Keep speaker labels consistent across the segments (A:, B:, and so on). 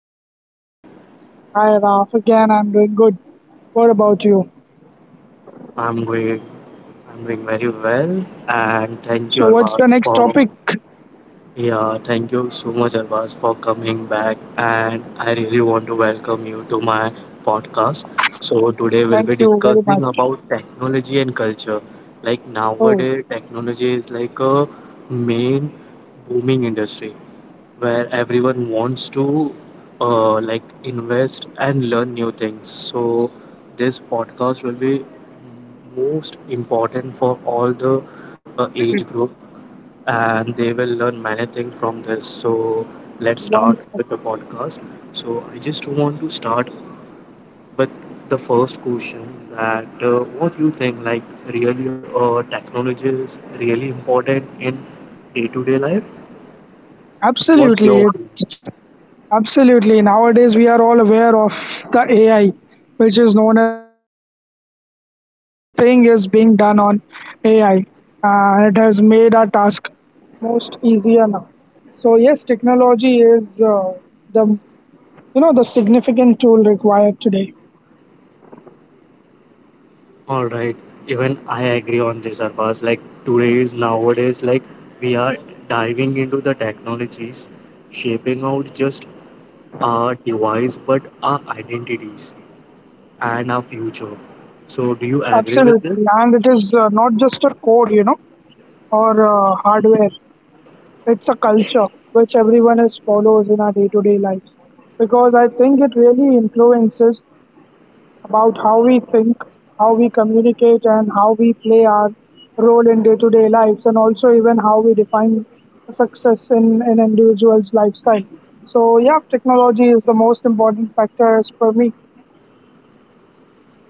A: doing today?
B: Hi, Raf. Again, I'm doing good. What about you?
A: I'm doing, I'm doing very well, and thank you
B: So, what's
A: Arbaz
B: the next
A: for,
B: topic?
A: yeah, thank you so much Arbaz for coming back, and I really want to welcome you to my podcast. So today we'll
B: Thank
A: be
B: you very much.
A: discussing about technology and culture. Like
B: Oh,
A: nowadays, technology is like a main booming industry where everyone wants to like invest and learn new things. So this podcast will be most important for all the age group, and they will learn many things from this. So let's
B: one.
A: start with the podcast. So I just want to start with the first question that what you think like really technology is really important in day-to-day life. What's your
B: Absolutely.
A: opinion?
B: It's, Absolutely. Nowadays, we are all aware of the AI, which is known as artificial intelligence. You know, everything is being done on AI. It has made our task most easier now. So, yes, technology is the you know the significant tool required today.
A: All right. Even I agree on this, Arfaz. Like today's nowadays, like we are diving into the technologies, shaping out just our device, but our identities and our future. So, do you agree with this?
B: Absolutely, and it is not just a code. Or hardware. It's a culture which everyone is follows in our day-to-day lives, because I think it really influences about how we think, how we communicate, and how we play our role in day-to-day lives, and also even how we define success in an individual's lifestyle. So yeah, technology is the most important factor as per me.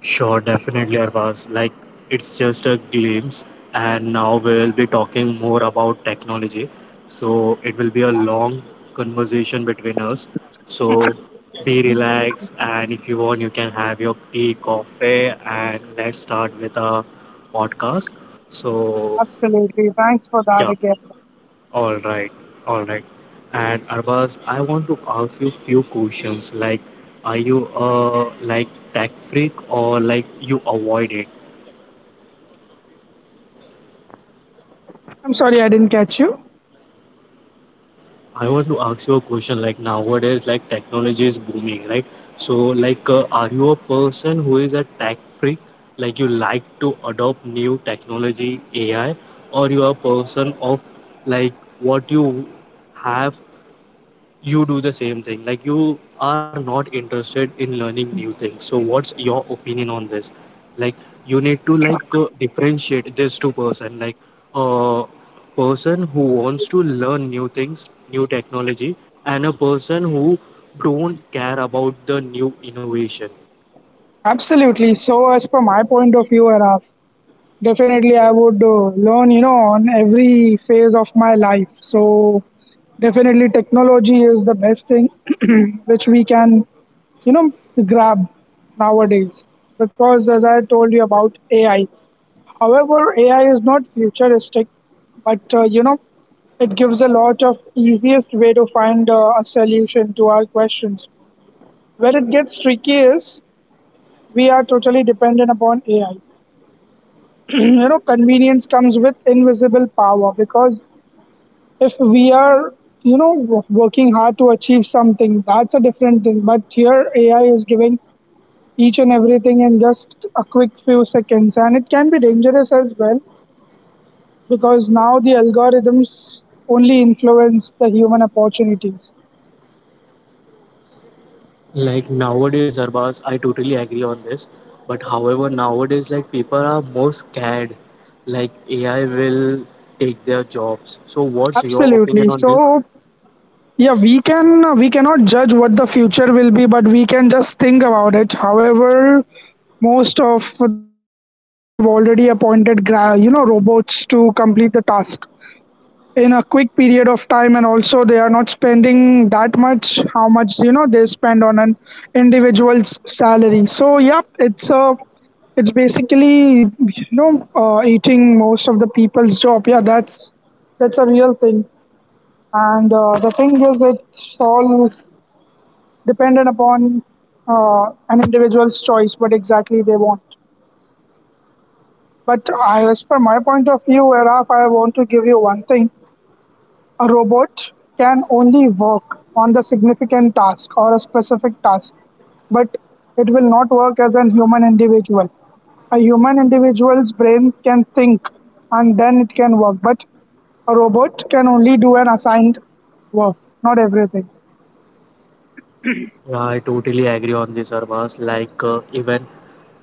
A: Sure, definitely, Arvaz. Like, it's just a glimpse, and now we'll be talking more about technology. So, it will be a long conversation between us. So, be relaxed, and if you want, you can have your tea, coffee, and let's start with our podcast. So,
B: Absolutely. Thanks for that
A: yeah,
B: again.
A: all right, all right. And Arbaz, I want to ask you few questions. Like, are you like tech freak or like you avoid it?
B: I'm sorry I didn't catch you.
A: I want to ask you a question. Like nowadays, like technology is booming, right? So, like, are you a person who is a tech freak? Like, you like to adopt new technology, AI, or you are a person of like what you have you do the same thing like you are not interested in learning new things, so what's your opinion on this? Like, you need to like differentiate this two person, like a person who wants to learn new things, new technology, and a person who don't care about the new innovation.
B: Absolutely. So as per my point of view, Araf, definitely, I would learn, on every phase of my life. So, definitely, technology is the best thing which we can, you know, grab nowadays. Because, as I told you about AI, however, AI is not futuristic, but, it gives a lot of easiest way to find a solution to our questions. Where it gets tricky is we are totally dependent upon AI. Convenience comes with invisible power, because if we are you know working hard to achieve something, that's a different thing. But here, AI is giving each and everything in just a quick few seconds, and it can be dangerous as well, because now the algorithms only influence the human opportunities.
A: Like nowadays, Arbaz, I totally agree on this. But however, nowadays, like people are more scared, like AI will take their jobs. So, what's your
B: Absolutely.
A: opinion on this?
B: So yeah, we cannot judge what the future will be, but we can just think about it. However, most of the companies have already appointed robots to complete the task in a quick period of time, and also they are not spending that much how much they spend on an individual's salary. So yeah, it's basically, eating most of the people's job. Yeah, that's a real thing. And the thing is it's all dependent upon an individual's choice what exactly they want. But I, as per my point of view, Araf, I want to give you one thing. A robot can only work on the significant task or a specific task, but it will not work as a human individual. A human individual's brain can think and then it can work, but a robot can only do an assigned work, not everything.
A: Yeah, I totally agree on this, Arbaz. Like even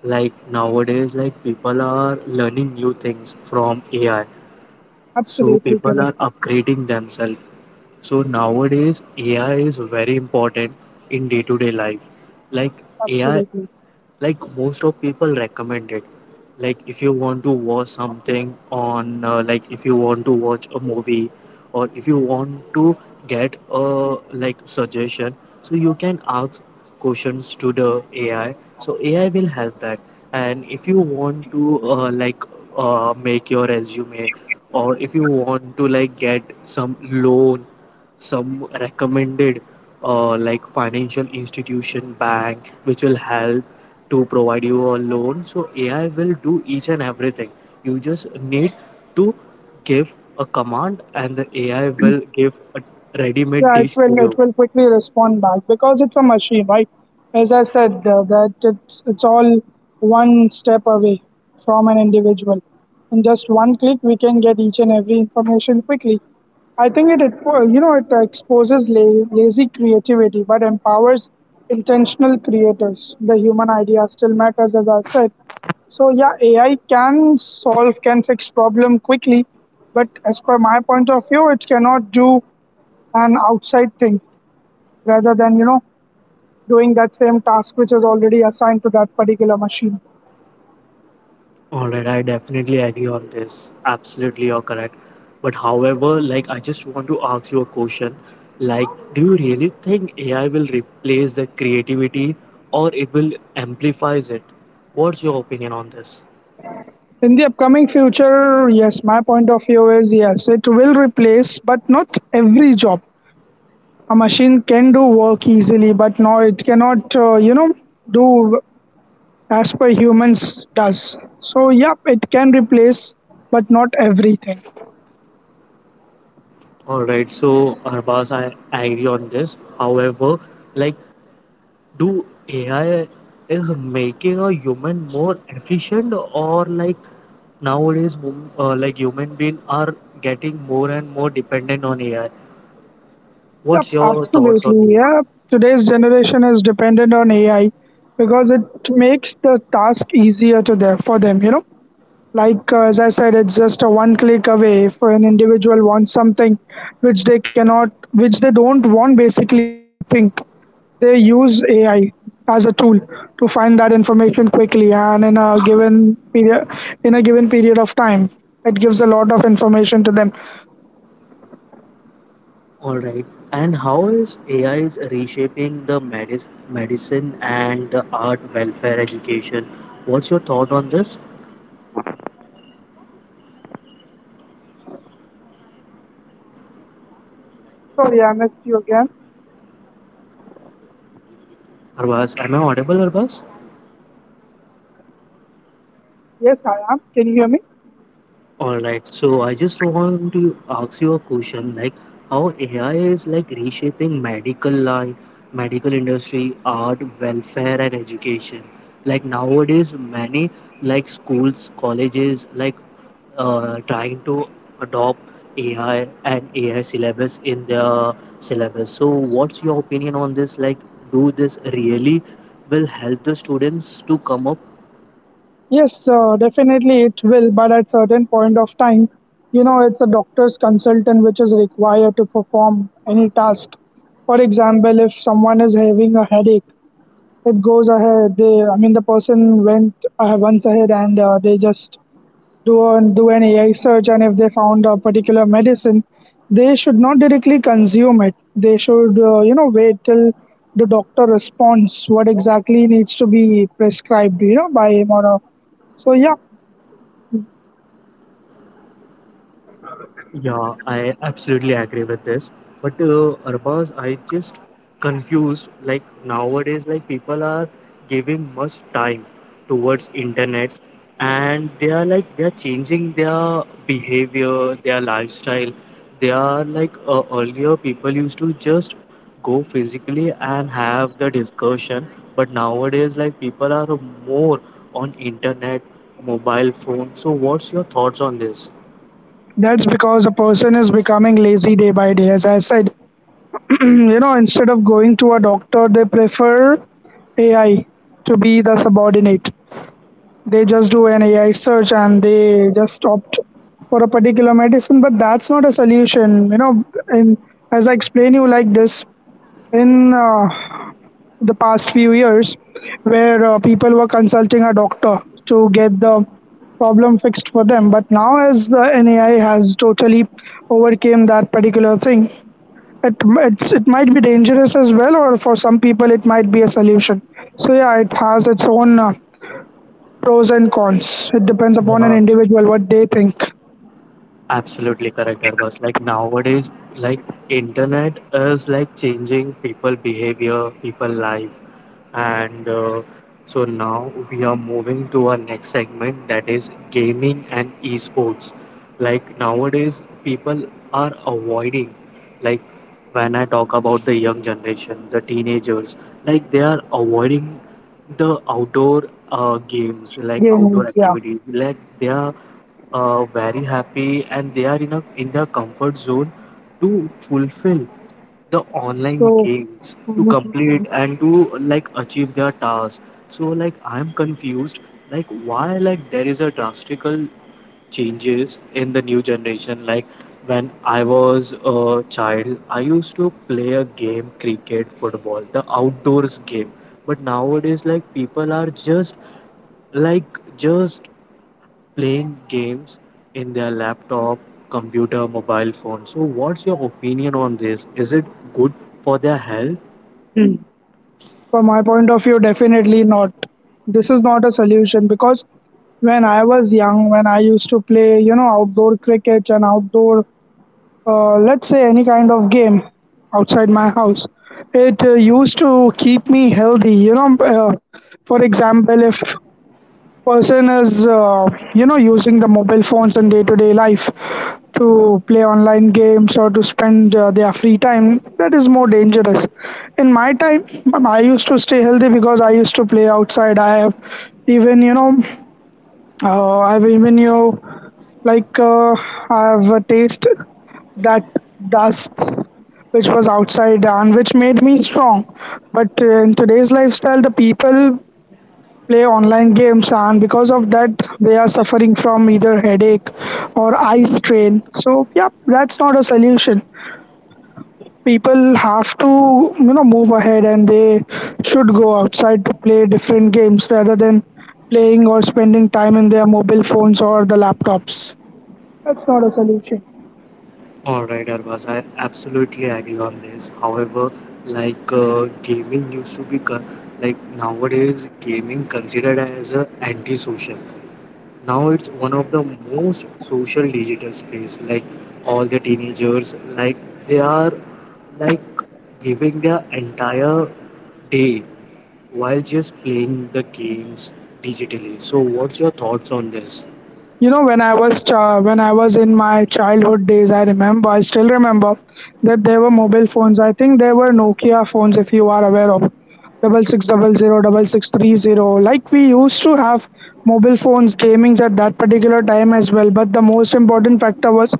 A: like nowadays, like people are learning new things from AI. So
B: Absolutely
A: people are
B: correct.
A: upgrading themselves. So nowadays, AI is very important in day-to-day life. Like AI,
B: Absolutely.
A: like most of people recommend it. Like if you want to watch something on like if you want to watch a movie, or if you want to get a like suggestion, so you can ask questions to the ai, so ai will help that. And if you want to like make your resume, or if you want to like get some loan, some recommended like financial institution bank which will help to provide you a loan. So AI will do each and everything. You just need to give a command, and the AI will give a ready-made
B: Yeah, it
A: dish to
B: will it
A: you.
B: will quickly respond back because it's a machine, right? As I said, that it's all one step away from an individual. In just one click, we can get each and every information quickly. I think it, it you know it exposes lazy creativity, but empowers intentional creators. The human idea still matters, as I said. So yeah, AI can solve, can fix problem quickly, but as per my point of view, it cannot do an outside thing rather than doing that same task which is already assigned to that particular machine.
A: All right, I definitely agree on this. Absolutely, you're correct. But however, like I just want to ask you a question. Like, do you really think AI will replace the creativity or it will amplifies it? What's your opinion on this?
B: In the upcoming future, yes, my point of view is, yes, it will replace, but not every job. A machine can do work easily, but no, it cannot do as per humans does. So yeah, it can replace, but not everything.
A: All right, so Arbaz, I agree on this. However, like do AI is making a human more efficient, or like nowadays like human being are getting more and more dependent on AI.
B: Yep,
A: What's your thoughts on
B: absolutely.
A: it?
B: Yeah, today's generation is dependent on AI because it makes the task easier to them for them. Like, as I said, it's just a one click away. If an individual wants something which they cannot, which they don't want, basically to think, they use AI as a tool to find that information quickly and in a given period of time. It gives a lot of information to them.
A: All right. And how is AI is reshaping the medicine and the art, welfare, education? What's your thought on this,
B: Sorry, I missed you again.
A: Arbaz? Am I audible, Arbaz?
B: Yes, I am. Can you hear me?
A: All right. So I just want to ask you a question, like how AI is like reshaping medical life, medical industry, art, welfare, and education. Like nowadays, many like schools, colleges, like trying to adopt AI and AI syllabus in their syllabus. So what's your opinion on this? Like, do this really will help the students to come up?
B: Yes, definitely it will, but at certain point of time, it's a doctor's consultant which is required to perform any task. For example, if someone is having a headache, it goes ahead. They, I mean, the person went once ahead and they just do an AI search, and if they found a particular medicine, they should not directly consume it. They should, wait till the doctor responds what exactly needs to be prescribed, by him or her. So yeah,
A: Yeah, I absolutely agree with this. But Arbaz, I just confused. Like nowadays, like people are giving much time towards internet, and they are like they are changing their behavior, their lifestyle. They are like earlier people used to just go physically and have the discussion, but nowadays like people are more on internet, mobile phone. So what's your thoughts on this?
B: that's because a person is becoming lazy day by day. As I said, instead of going to a doctor, they prefer AI to be the subordinate. They just do an AI search and they just opt for a particular medicine, but that's not a solution. In, as I explain you like this, in the past few years, where people were consulting a doctor to get the problem fixed for them. But now, as the nai has totally overcame that particular thing, it, it might be dangerous as well, or for some people it might be a solution. So yeah, it has its own pros and cons. It depends upon an
A: Yeah.
B: individual what they think.
A: Absolutely correct, Harbas. Like nowadays, like internet is like changing people behavior, people life, and so now we are moving to our next segment that is gaming and esports. Like nowadays, people are avoiding. Like when I talk about the young generation, the teenagers, like they are avoiding the outdoor games, like
B: Gaming,
A: outdoor
B: yeah.
A: activities. Like they are very happy and they are in their comfort zone to fulfill the online
B: So
A: games to complete and to like achieve their tasks. So like I'm confused, like why like there is a drastical changes in the new generation. Like when I was a child, I used to play a game, cricket, football, the outdoors game, but nowadays like people are just playing games in their laptop, computer, mobile phone. So, what's your opinion on this? Is it good for their health?
B: from my point of view, definitely not. This is not a solution, because when I was young, when I used to play outdoor cricket and outdoor let's say any kind of game outside my house, it used to keep me healthy. For example, if person is using the mobile phones in day to day life to play online games or to spend their free time, that is more dangerous. In my time, I used to stay healthy because I used to play outside. Even you know I have even you know, like I have a taste that dust which was outside and which made me strong. But in today's lifestyle, the people play online games, and because of that, they are suffering from either headache or eye strain. So, yeah, that's not a solution. People have to, move ahead, and they should go outside to play different games rather than playing or spending time in their mobile phones or the laptops. That's not a solution.
A: All right, Arvaz, I absolutely agree on this. However, like gaming used to be like nowadays gaming considered as a antisocial. Now it's one of the most social digital space. Like all the teenagers, like they are like giving their entire day while just playing the games digitally. So, what's your thoughts on this?
B: When I was in my childhood days, I still remember that there were mobile phones. I think there were Nokia phones, if you are aware of, 6600, 6630. Like we used to have mobile phones, gamings at that particular time as well. But the most important factor was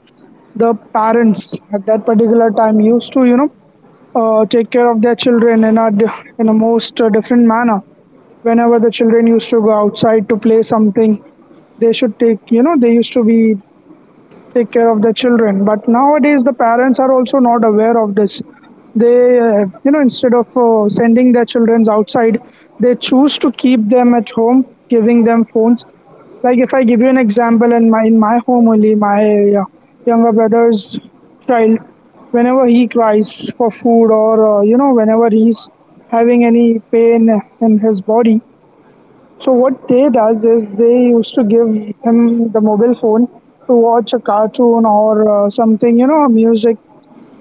B: the parents at that particular time used to, take care of their children in a in a most different manner. Whenever the children used to go outside to play something, they should take, they used to be take care of the children. But nowadays, the parents are also not aware of this. They you know Instead of sending their children outside, they choose to keep them at home, giving them phones. Like if I give you an example, in my home only, my uh, younger brother's child, whenever he cries for food or whenever he's having any pain in his body, so what they does is they used to give him the mobile phone to watch a cartoon or something, music,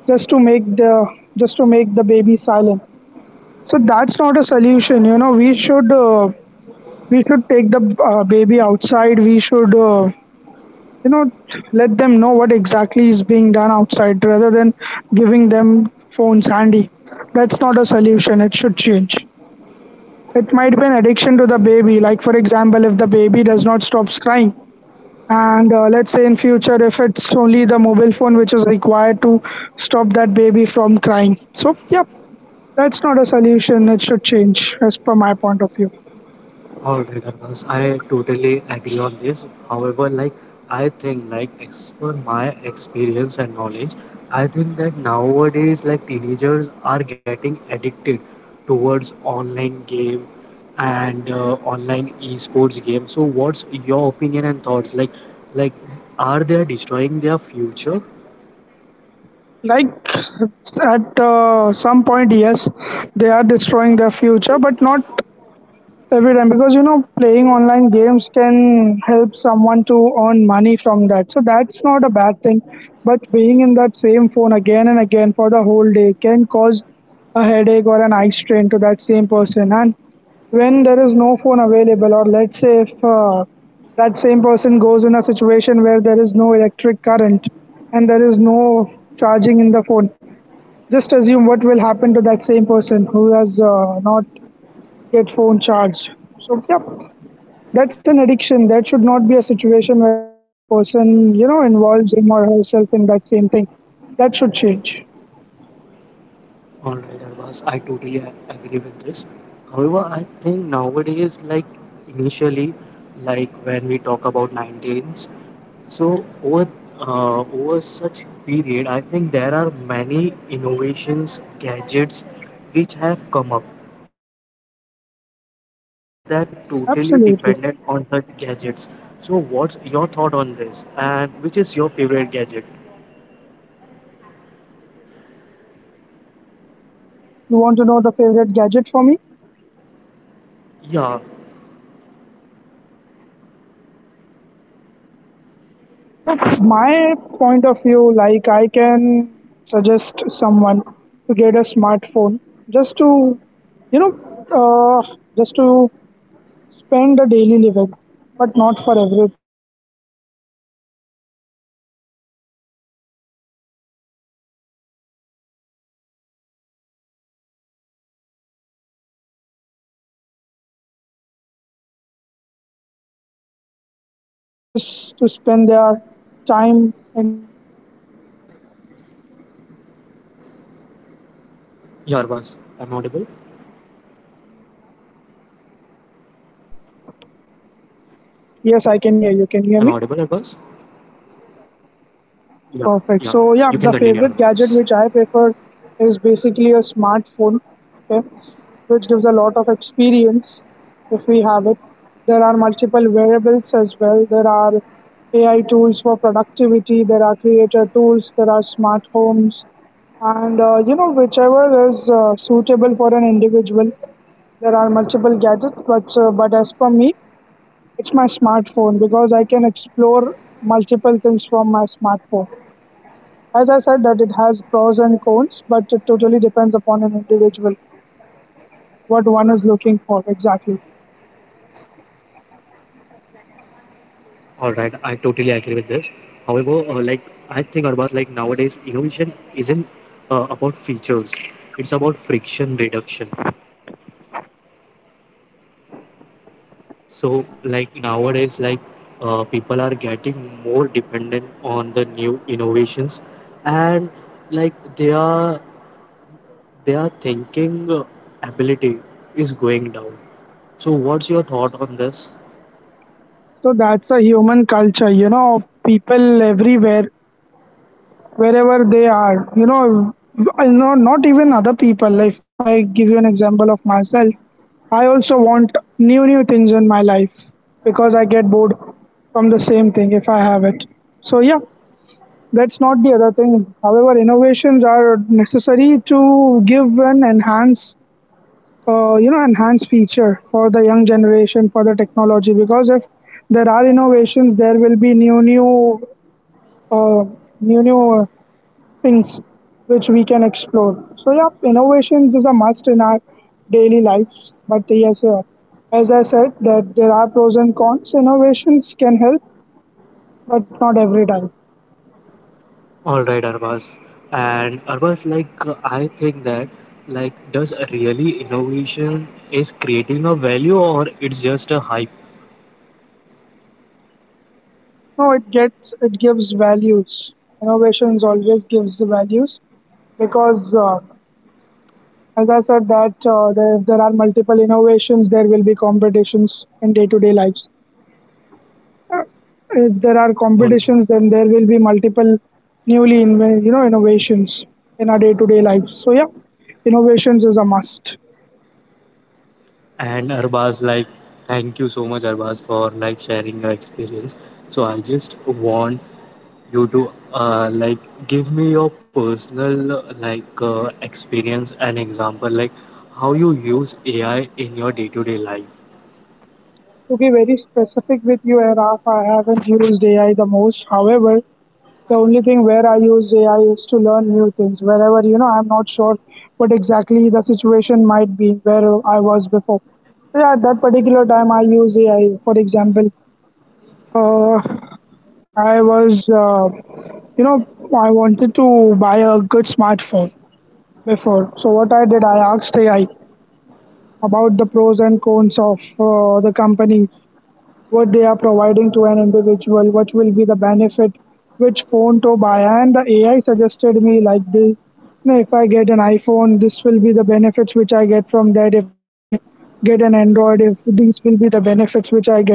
B: just to make the baby silent. So that's not a solution. We should take the baby outside. We should you know let them know what exactly is being done outside rather than giving them phones handy. That's not a solution. It should change. It might be an addiction to the baby. Like for example, if the baby does not stop crying, and let's say in future, if it's only the mobile phone which is required to stop that baby from crying. So, yeah, that's not a solution. It should change, as per my point of view.
A: All right, Abbas, I totally agree on this. However, like I think, like as per my experience and knowledge, I think that nowadays, like teenagers are getting addicted towards online game and online esports game. So, what's your opinion and thoughts? Like are they destroying their future?
B: Like at some point, yes, they are destroying their future, but not every time, because playing online games can help someone to earn money from that, so that's not a bad thing. But being in that same phone again and again for the whole day can cause a headache or an eye strain to that same person. And when there is no phone available, or let's say if that same person goes in a situation where there is no electric current and there is no charging in the phone, just assume what will happen to that same person who has not get phone charged. So yeah, that's an addiction. That should not be a situation where a person, you know, involves him or herself in that same thing. That should change.
A: All right, Arvas, I totally agree with this. However, I think nowadays, like initially, like when we talk about 19s, so over such period, I think there are many innovations, gadgets which have come up, and because of that, people are totally
B: Absolutely.
A: dependent on such gadgets. So, what's your thought on this, and which is your favorite gadget?
B: You want to know the favorite gadget for me?
A: Yeah,
B: So, my point of view, like, I can suggest someone to get a smartphone just to, just to spend a daily living, but not for every time. They can even take smart watches to spend their time instead of looking, you know, looking into the phone. They can even get the health updates. Hello, can you hear me?
A: yeah, Arvas, am I audible?
B: Can you hear me now?
A: I'm audible, Airbus?
B: Yes, I can hear you. Can you hear me?
A: Yeah, yeah. You can continue, Airbus.
B: Perfect. So yeah, the favorite gadget which I prefer is basically a smartphone, okay, which gives a lot of experience if we have it. There are multiple variables as well. There are AI tools for productivity. There are creator tools. There are smart homes, and you know, whichever is suitable for an individual. There are multiple gadgets, but as per me, it's my smartphone because I can explore multiple things from my smartphone. As I said, that it has pros and cons, but it totally depends upon an individual what one is looking for exactly.
A: All right, I totally agree with this. However, like I think Arbaz, like nowadays, innovation isn't about features; it's about friction reduction. So, like nowadays, like people are getting more dependent on the new innovations, and like their thinking ability is going down. So, what's your thought on this?
B: So that's a human culture, you know, people everywhere, wherever they are, you know, I know not even other people. If I give you an example of myself, I also want new things in my life because I get bored from the same thing if I have it. So yeah, that's not the other thing. However, innovations are necessary to give and enhance you know, enhanced feature for the young generation for the technology because if there are innovations, there will be new new uh, new new things which we can explore. So yeah, innovations is a must in our daily lives, but yes, as I said that there are pros and cons. Innovations can help, but not every time.
A: All right, Arvaz. And Arvaz, like I think that like does really innovation is creating a value or it's just a hype?
B: No, it gives values. Innovations always gives the values because as I said that if there are multiple innovations, there will be competitions in day-to-day lives. Uh, If there are
A: All-
B: competitions, then there will be multiple newly inven- you know innovations in our day-to-day lives. So yeah, innovations is a must.
A: And Arbaz, like thank you so much, Arbaz, for like sharing your experience. So I just want you to like give me your personal experience and example, like how you use AI in your day-to-day life.
B: To be very specific with you, Araf, I haven't used AI the most. However, the only thing where I use AI is to learn new things. Wherever, you know, I'm not sure what exactly the situation might be where I was before. Yeah, at that particular time, I use AI. For example, uh, I was, you know, I wanted to buy a good smartphone before. So what I did, I asked AI about the pros and cons of the company, what they are providing to an individual, what will be the benefit, which phone to buy. And the AI suggested me like this. You know, if I get an iPhone, this will be the benefits which I get from that. If I get an Android, if these will be the benefits which I get.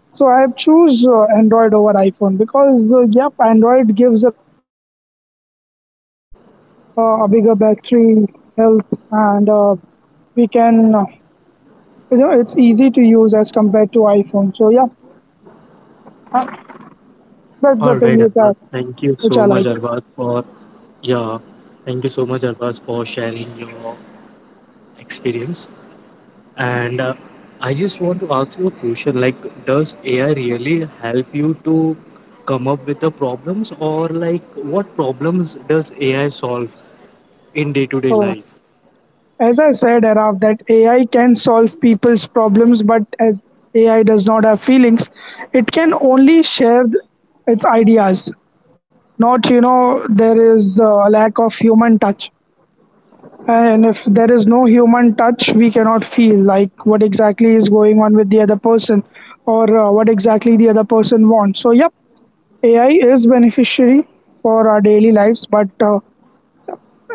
B: So I choose Android over iPhone because yep, Android gives a lot of you know, battery, a bigger battery health, and we can you know, it's easy to use as compared to iPhone. So yeah, that's
A: All
B: the
A: right,
B: thing which
A: Arbaz,
B: I
A: thank you so
B: which I
A: much,
B: like.
A: Arbaz, for yeah, thank you so much, Arbaz, for sharing your experience. And I just want to ask you a question like, does AI really help you to come up with the problems, or like, what problems does AI solve in day to day
B: So
A: life?
B: as I said, Araf, that AI can solve people's problems, but as AI does not have feelings, it can only share its ideas. Not, you know, there is a lack of human touch, and if there is no human touch, we cannot feel like what exactly is going on with the other person, or what exactly the other person wants. So yep, AI is beneficiary for our daily lives, but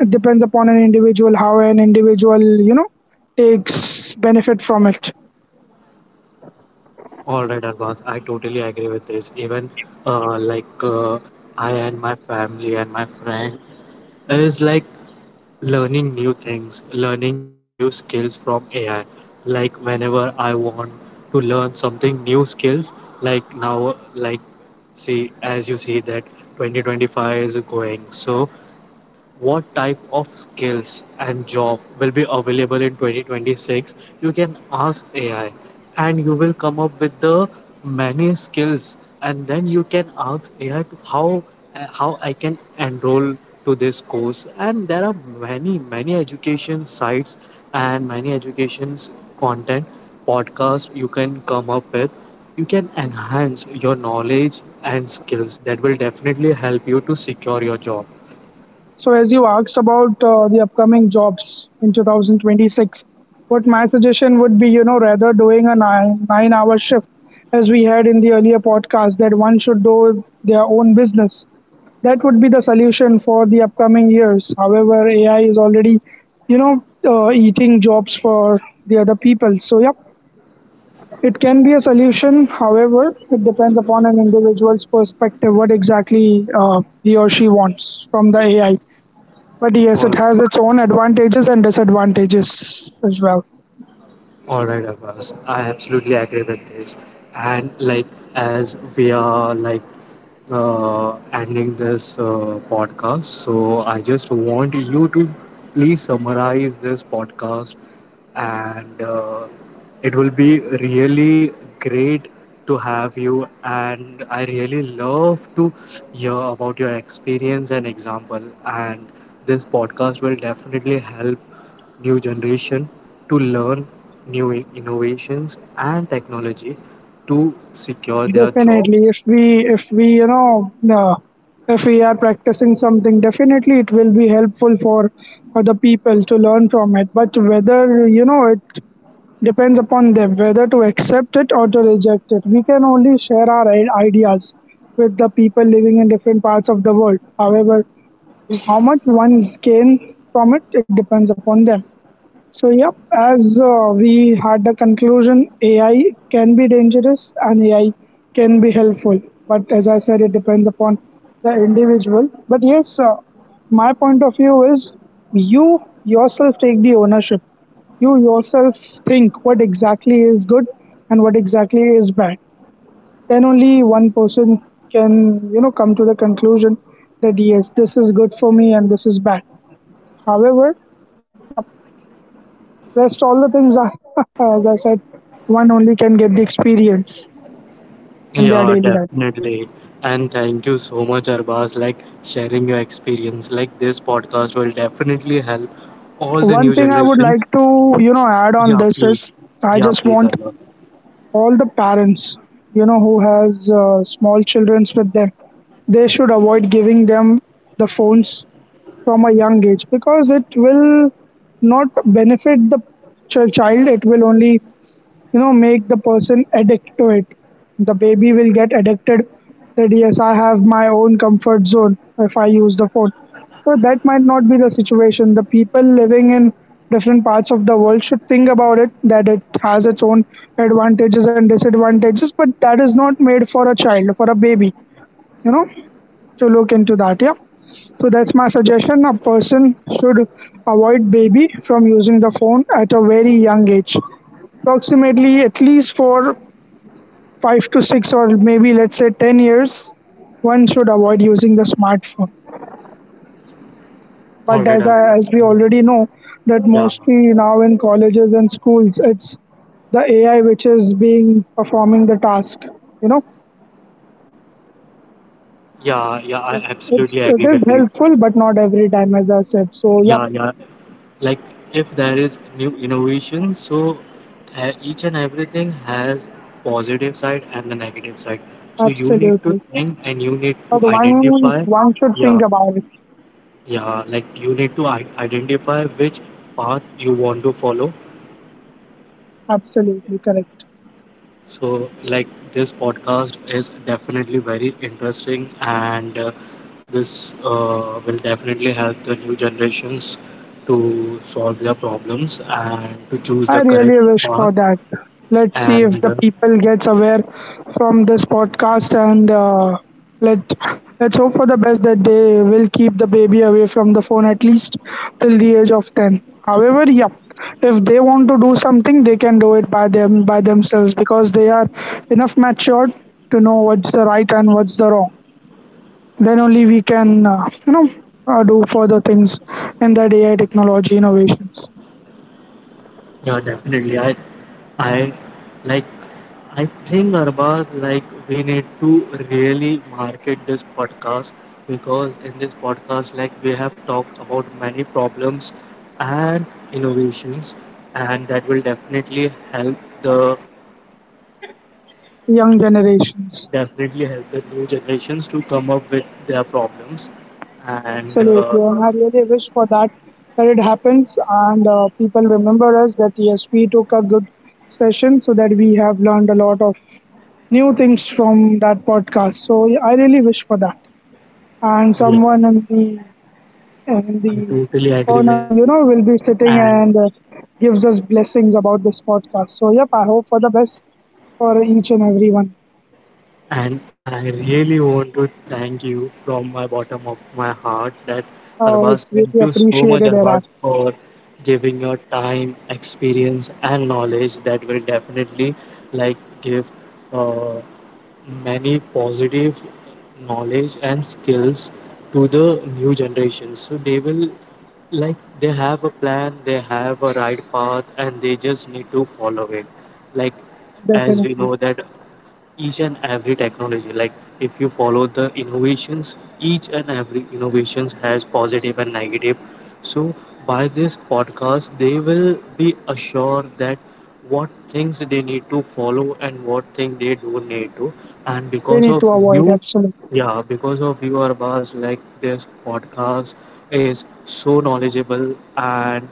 B: it depends upon an individual, how an individual, you know, takes benefit from it.
A: All right, Arbaz, I totally agree with this. Even uh, like, uh, I and my family and my friend is like learning new things, learning new skills from AI. Like whenever I want to learn something new skills, like now, like see as you see that 2025 is going. So what type of skills and job will be available in 2026? You can ask ai and you will come up with the many skills, and then you can ask ai to how I can enroll to this course, and there are many many education sites and many educations content podcast you can come up with. You can enhance your knowledge and skills that will definitely help you to secure your job
B: So, as you asked about the upcoming jobs in 2026, what my suggestion would be, you know, rather doing a 9 hour shift, as we had in the earlier podcast, that one should do their own business. That would be the solution for the upcoming years. However, AI is already, eating jobs for the other people. So, yeah, it can be a solution, however, it depends upon an individual's perspective what exactly he or she wants from the AI. But yes,
A: or
B: it has its own advantages and disadvantages as well.
A: All right, Abbas. I absolutely agree with this. And like as we are like ending this podcast, so I just want you to please summarize this podcast, and it will be really great to have you. And I really love to hear about your experience and example. And this podcast will definitely help new generation to learn new innovations and technology to secure their
B: Definitely,
A: jobs.
B: if we you know if we are practicing something, definitely it will be helpl for other people to learn from it. But whether, you know, it depends upon them whether to accept it or to reject it. We can only share our ideas with the people living in different parts of the world. However, how much one gain from it, it depends upon them. So, yep, as we had a conclusion, AI can be dangerous and AI can be helpful. But as I said, it depends upon the individual. But yes, my point of view is you yourself take the ownership. You yourself think what exactly is good and what exactly is bad. Then only one person can, you know, come to the conclusion that yes, this is good for me and this is bad. However, yep, rest all the things are, as I said, one only can get the experience in
A: Yeah,
B: their daily life.
A: definitely. And thank you so much, Arbaz, like sharing your experience. Like this podcast will definitely help all the new
B: One thing
A: generation.
B: I would like to, you know,
A: Yeah,
B: add on
A: please.
B: this is
A: Yeah, please,
B: I just
A: Arbaz.
B: want all the parents, you know, who has small children with them, they should avoid giving them the phones from a young age because it will not benefit the child. It will only, you know, make the person addict to it. The baby will get addicted that yes, I have my own comfort zone if I use the phone. So that might not be the situation. The people living in different parts of the world should think about it, that it has its own advantages and disadvantages, but that is not made for a child, for a baby, you know, to look into that. Yeah, so that's my suggestion. A person should avoid baby from using the phone at a very young age, approximately at least for five to six, or maybe let's say 10 years, one should avoid using the smartphone.
A: All
B: But
A: right, Arbaz.
B: as we
A: Mm.
B: already know that
A: Yeah,
B: mostly now in colleges and schools, it's the AI which is being performing the task, you know,
A: yeah, yeah. I absolutely
B: it
A: agree with
B: is
A: you.
B: helpful but not every time, as I said. So yep.
A: Yeah, yeah. Like if there is new innovation, so each and everything has positive side and the negative side. So you need to
B: Absolutely,
A: think and you need
B: but
A: to identify.
B: one should
A: Yeah,
B: think about it.
A: yeah. Like you need to identify which path you want to follow.
B: Absolutely correct.
A: So, like, this podcast is definitely very interesting, and this will definitely help the new generations to solve their problems and to choose
B: I
A: the correct
B: really wish
A: path.
B: for that. Let's see if
A: And
B: the people gets aware from this podcast and let let's hope for the best that they will keep the baby away from the phone at least till the age of 10. However, yeah, if they want to do something, they can do it by them by themselves because they are enough matured to know what's the right and what's the wrong. Then only we can do further things in that AI technology innovations,
A: yeah, definitely. I, like, I think Arbaz, like, we need to really market this podcast because in this podcast, like, we have talked about many problems and innovations, and that will the
B: young generations.
A: definitely help the new generations to come up with their problems. And
B: Absolutely, and I really wish for that, that it happens and people remember us that yes, we took a good session so that we have learned a lot of new things from that podcast. So yeah, I really wish for that. And
A: yeah,
B: someone in the in
A: I
B: the
A: totally agree with
B: corner,
A: you.
B: you know, will be sitting
A: And
B: and gives us blessings about this podcast. So yep, I hope for the best for each and every one.
A: And I really want to thank you from my bottom of my heart that
B: Oh,
A: Arbaz,
B: it's
A: thank you
B: really
A: so much,
B: appreciated,
A: Arbaz,
B: Iraq.
A: for giving your time, experience, and knowledge that will definitely like give uh, many positive knowledge and skills to the new generations. So they will like they have a plan, they have a right path, and they just need to follow it. Like as we
B: Definitely,
A: know that each and every technology, like if you follow the innovations, each and every innovations has positive and negative. So by this podcast they will be assured that what things they need to follow and what thing they do need to, and
B: they
A: because
B: need to
A: of
B: avoid,
A: you,
B: absolutely.
A: yeah, because of you Arbaz, like this podcast is so knowledgeable, and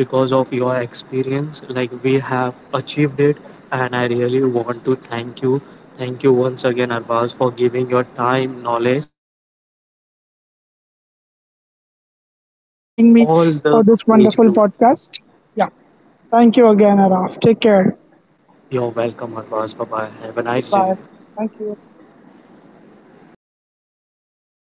A: because of your experience like we have achieved it, and I really want to thank you. Thank you once again, Arvaz, for giving your time, knowledge, and
B: I
A: definitely
B: appreciate you as
A: it's
B: well, Araf.
A: really
B: Thank you
A: helpful
B: for
A: for
B: inviting me
A: all the
B: for this
A: age
B: wonderful
A: group.
B: podcast. Yeah. Thank you again, Araf. Take care.
A: You're welcome, Arvaz. Bye bye. Have a nice day.
B: Goodbye. Thank you.